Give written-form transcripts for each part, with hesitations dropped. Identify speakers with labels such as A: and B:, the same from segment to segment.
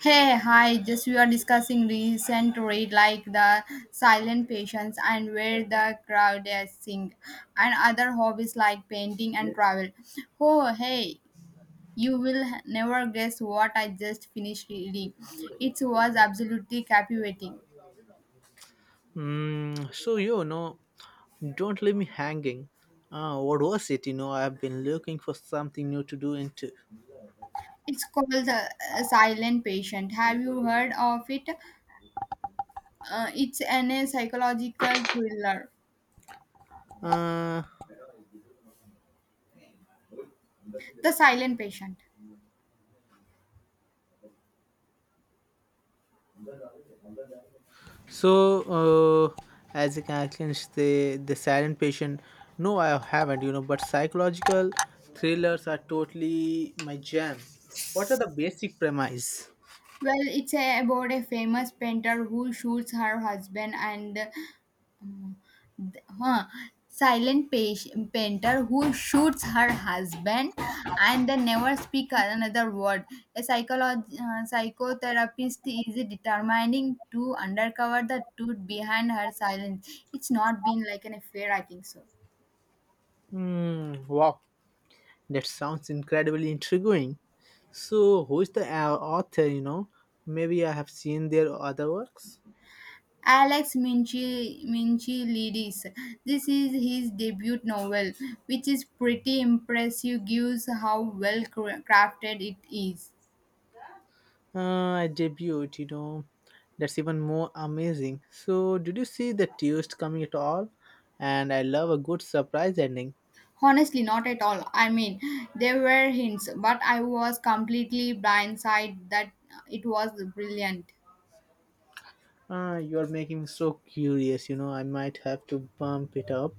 A: Hey, hi, just we are discussing recent read like the silent patients and where the crowd is sing and other hobbies like painting and travel. Oh, hey, you will never guess what I just finished reading. It was absolutely captivating.
B: So don't leave me hanging. What was it? I've been looking for something new to do into.
A: It's called the Silent Patient. Have you heard of it? It's an a psychological thriller.
B: Uh,
A: The Silent Patient.
B: so, uh, as a conclusion, the silent patient. No, I haven't. But psychological thrillers are totally my jam. What are the basic premise?
A: Well, it's about a famous painter who shoots her husband and th- huh, silent painter who shoots her husband and they never speak another word. A psychotherapist is determining to undercover the truth behind her silence. It's not been like an affair, I think so.
B: Mm, wow, that sounds incredibly intriguing. So, who is the author? Maybe I have seen their other works.
A: Alex Minchilidis. This is his debut novel, which is pretty impressive gives how well crafted it is.
B: I debuted. That's even more amazing. So, did you see the twist coming at all? And I love a good surprise ending.
A: Honestly, not at all. I mean, there were hints, but I was completely blindsided that it was brilliant.
B: You're making me so curious. I might have to bump it up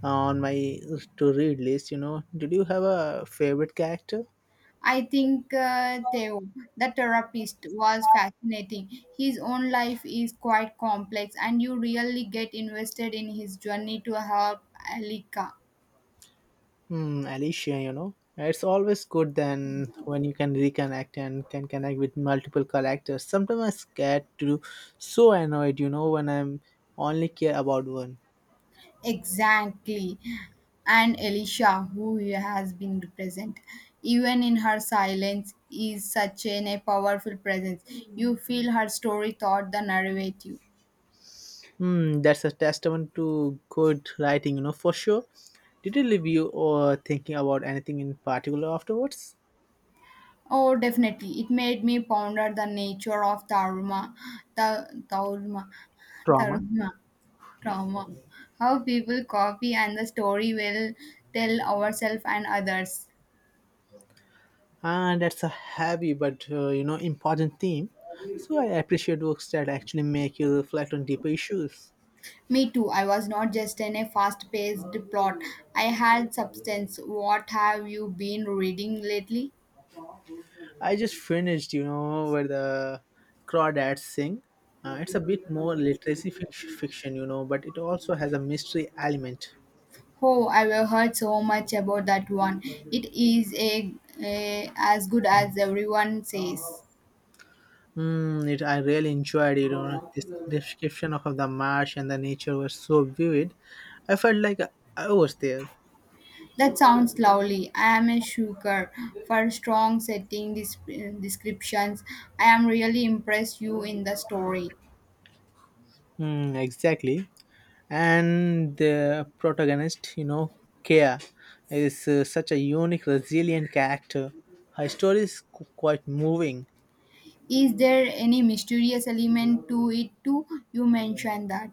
B: on my to read list. Did you have a favorite character?
A: I think Theo, the therapist, was fascinating. His own life is quite complex, and you really get invested in his journey to help Alika.
B: Alicia. It's always good then when you can reconnect and can connect with multiple characters. Sometimes I'm scared to do so annoyed, when I'm only care about one.
A: Exactly. And Elisha, who has been present, even in her silence, is such a powerful presence. You feel her story thought the narrative.
B: That's a testament to good writing, for sure. Did it leave you or thinking about anything in particular afterwards?
A: Oh, definitely. It made me ponder the nature of Taruma, the Taruma,
B: Trauma.
A: Taruma, trauma. How people copy and the story will tell ourselves and others.
B: And that's a heavy but, important theme. So I appreciate works that actually make you reflect on deeper issues.
A: Me too. I was not just in a fast paced plot. I had substance. What have you been reading lately?
B: I just finished, where the crawdads sing. It's a bit more literacy fiction, but it also has a mystery element.
A: Oh, I have heard so much about that one. A as good as everyone says.
B: I really enjoyed it. This description of the marsh and the nature was so vivid. I felt like I was there.
A: That sounds lovely. I am a sucker for strong setting descriptions. I am really impressed you in the story.
B: Mm, exactly. And the protagonist, Kea, is such a unique, resilient character. Her story is quite moving.
A: Is there any mysterious element to it too? You mentioned that.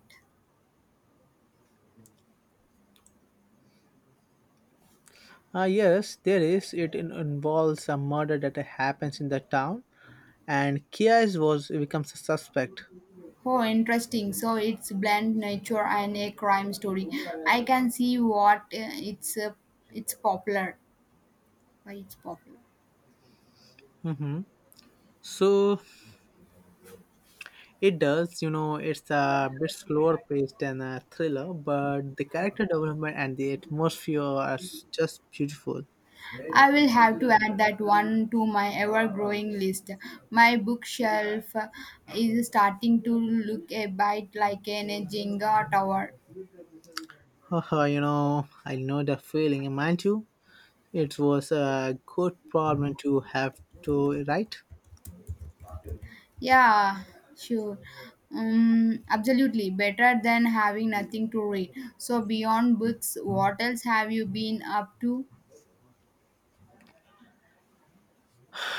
B: Ah, yes, there is. It involves a murder that happens in the town, and Kea was becomes a suspect.
A: Oh, interesting. So it's blend nature and a crime story. I can see what it's popular. Why it's popular.
B: hmm So it does, it's a bit slower paced than a thriller, but the character development and the atmosphere are just beautiful.
A: I will have to add that one to my ever-growing list. My bookshelf is starting to look a bit like an Jenga tower.
B: Haha, I know the feeling, mind you. It was a good problem to have to write.
A: Yeah, sure. Absolutely. Better than having nothing to read. So beyond books, what else have you been up to?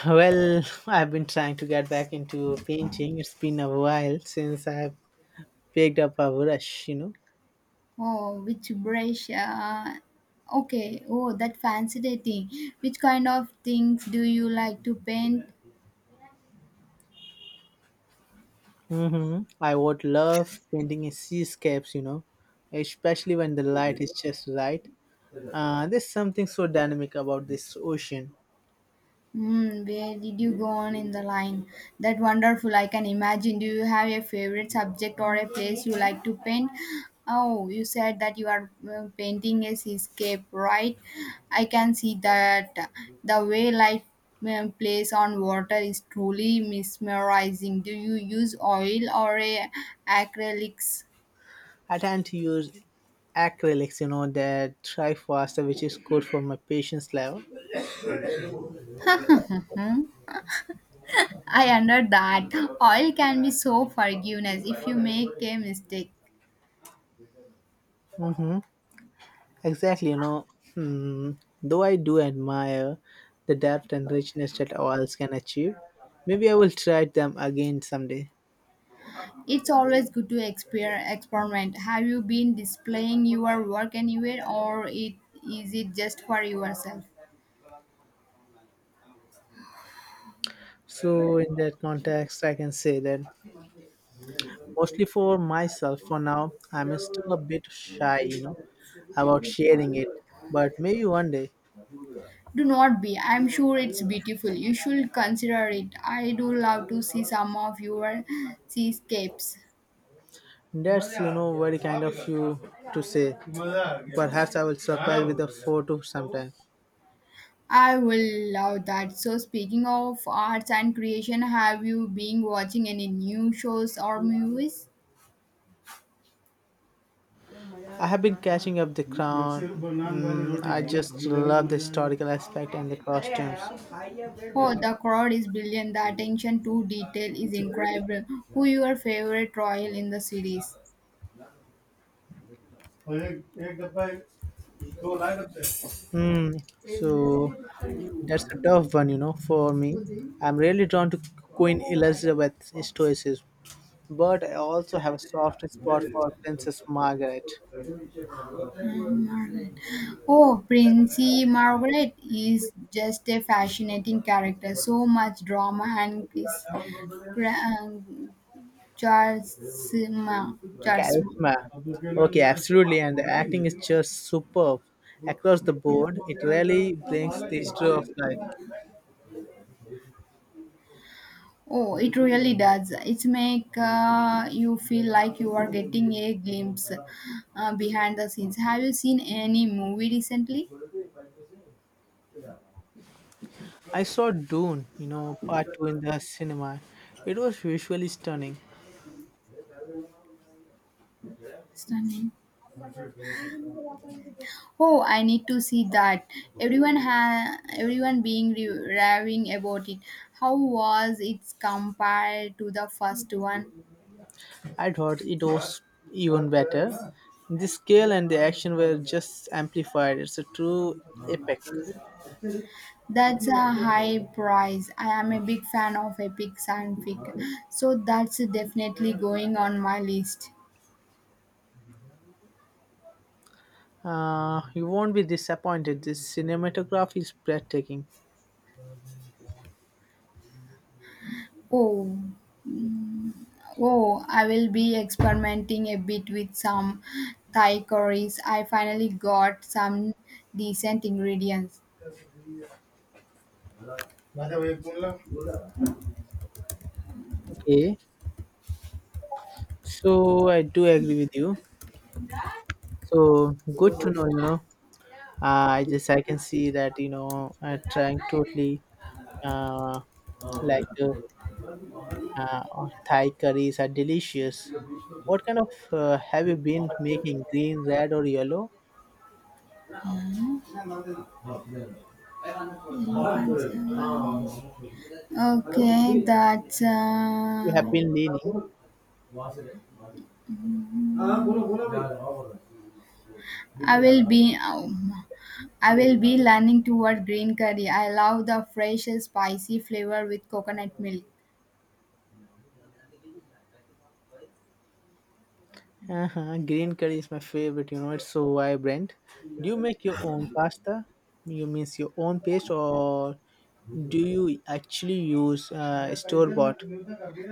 B: Well, I've been trying to get back into painting. It's been a while since I've picked up a brush.
A: Oh, which brush? Okay. Oh, that fascinating. Which kind of things do you like to paint?
B: I would love painting in seascapes, especially when the light is just right. There's something so dynamic about this ocean.
A: Hmm, where did you go on in the line? That wonderful. I can imagine. Do you have a favorite subject or a place you like to paint? Oh, you said that you are painting a seascape, right? I can see that the way light plays on water is truly mesmerizing. Do you use oil or a acrylics?
B: I tend to use acrylics, that dry faster, which is good for my patience level.
A: I under that. Oil can be so forgiveness if you make a mistake.
B: Exactly. Hmm, though I do admire the depth and richness that oils can achieve, maybe I will try them again someday.
A: It's always good to experiment. Have you been displaying your work anywhere or is it just for yourself?
B: So, in that context, I can say that mostly for myself for now, I'm still a bit shy, about sharing it. But maybe one day.
A: Do not be. I'm sure it's beautiful. You should consider it. I do love to see some of your seascapes.
B: That's very kind of you to say. Perhaps I will surprise with a photo sometime.
A: I will love that. So, speaking of arts and creation, have you been watching any new shows or movies?
B: I have been catching up The Crown. I just love the historical aspect and the costumes.
A: Oh, the crowd is brilliant. The attention to detail is incredible. Who your favorite royal in the series?
B: Hmm. So that's a tough one, for me. I'm really drawn to Queen Elizabeth's stoicism, but I also have a soft spot for Princess Margaret.
A: Margaret. Oh, Princey Margaret is just a fascinating character. So much drama and Chris, Gra- um, Charles, Charles.
B: Charisma. Okay, absolutely, and the acting is just superb across the board. It really brings the story of life.
A: Oh, it really does. It make you feel like you are getting a glimpse behind the scenes. Have you seen any movie recently?
B: I saw Dune, part two in the cinema. It was visually stunning.
A: Stunning. Oh, I need to see that. Everyone raving about it. How was it compared to the first one?
B: I thought it was even better. The scale and the action were just amplified. It's a true epic.
A: That's a high price. I am a big fan of epic science fiction, so that's definitely going on my list.
B: You won't be disappointed. The cinematography is breathtaking.
A: Oh, mm, oh, I will be experimenting a bit with some Thai curries. I finally got some decent ingredients.
B: Okay, so I do agree with you. So good to know. I can see that trying totally uh, like Thai curries are delicious. What kind of have you been making? Green, red, or yellow?
A: Okay, that's.
B: You have been leaning.
A: I will be. Um, I will be learning toward green curry. I love the fresh, spicy flavor with coconut milk.
B: Uh-huh. Green curry is my favorite. It's so vibrant. Do you make your own pasta? You means your own paste, or do you actually use store bought?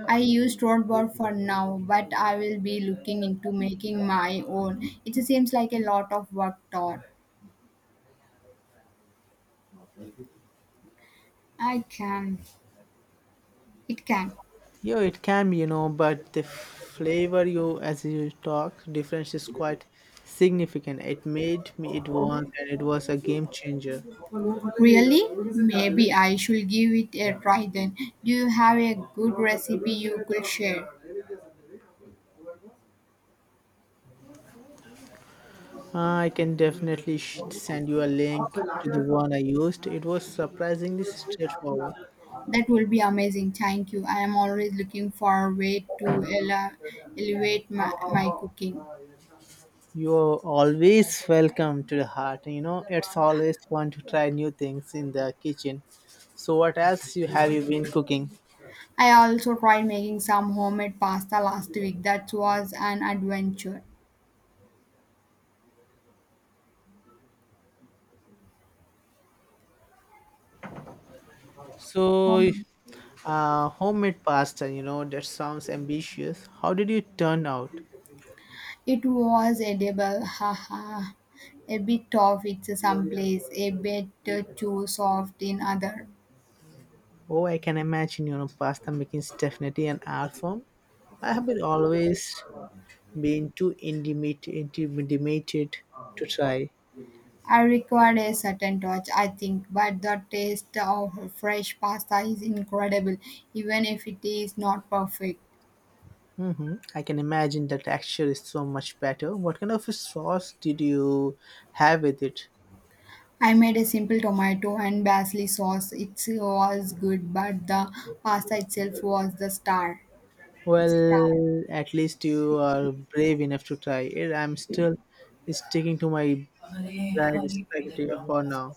A: I use Dropbox for now, but I will be looking into making my own. It seems like a lot of work, Todd. I can. It can.
B: Yeah, it can be, but the flavor you as you talk difference is quite significant. It made me it once, and it was a game changer.
A: Really? Maybe I should give it a try then. Do you have a good recipe you could share?
B: I can definitely send you a link to the one I used. It was surprisingly straightforward.
A: That will be amazing. Thank you. I am always looking for a way to elevate my cooking.
B: You're always welcome to the heart. It's always fun to try new things in the kitchen. So, what else you have you been cooking?
A: I also tried making some homemade pasta last week. That was an adventure.
B: So,
A: Home
B: Homemade pasta, that sounds ambitious. How did you turn out?
A: It was edible, haha. A bit tough in some place, a bit too soft in other.
B: Oh, I can imagine, pasta making is definitely an art form. I have been always been too intimidated to try.
A: I required a certain touch, I think, but the taste of fresh pasta is incredible, even if it is not perfect.
B: Mm-hmm. I can imagine the texture is so much better. What kind of a sauce did you have with it?
A: I made a simple tomato and basil sauce. It was good, but the pasta itself was the star.
B: Well,
A: Star.
B: at least you are brave enough to try it. I'm still sticking to my dried spaghetti for now.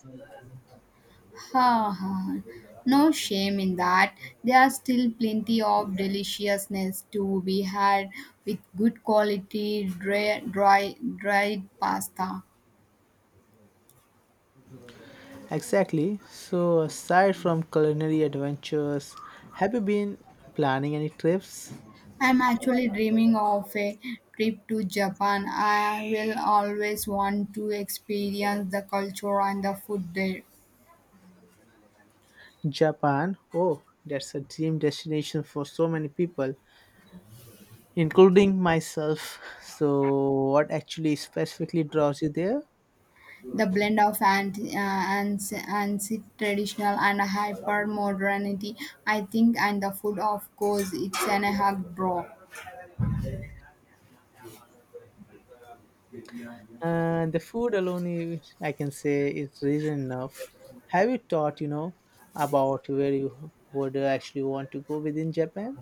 A: Ha ha. No shame in that. There are still plenty of deliciousness to be had with good quality dried pasta.
B: Exactly. So, aside from culinary adventures, have you been planning any trips?
A: I'm actually dreaming of a trip to Japan. I will always want to experience the culture and the food there.
B: Japan. Oh, that's a dream destination for so many people, including myself. So, what actually specifically draws you there?
A: The blend of and and traditional and hyper modernity, I think, and the food, of course, it's an a hug draw.
B: And the food alone, I can say, is reason enough. Have you thought, about where you would actually want to go within Japan?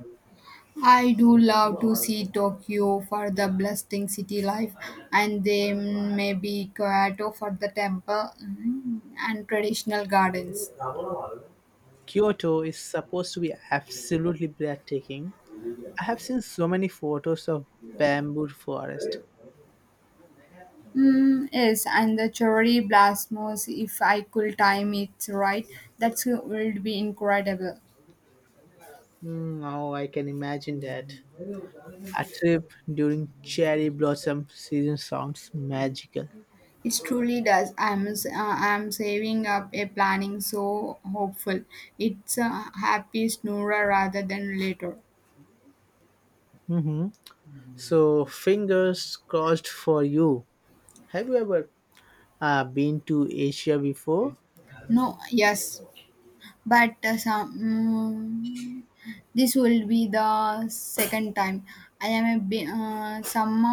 A: I do love to see Tokyo for the bustling city life and then maybe Kyoto for the temple and traditional gardens.
B: Kyoto is supposed to be absolutely breathtaking, I have seen so many photos of bamboo forest.
A: Mm, yes, and the cherry blossoms, if I could time it right, that would be incredible.
B: Now I can imagine that. A trip during cherry blossom season sounds magical.
A: It truly does. I'm saving up a planning so hopeful. It's a happy snoorer rather than later.
B: hmm So, fingers crossed for you. Have you ever been to Asia before?
A: No, yes. But this will be the second time I am somehow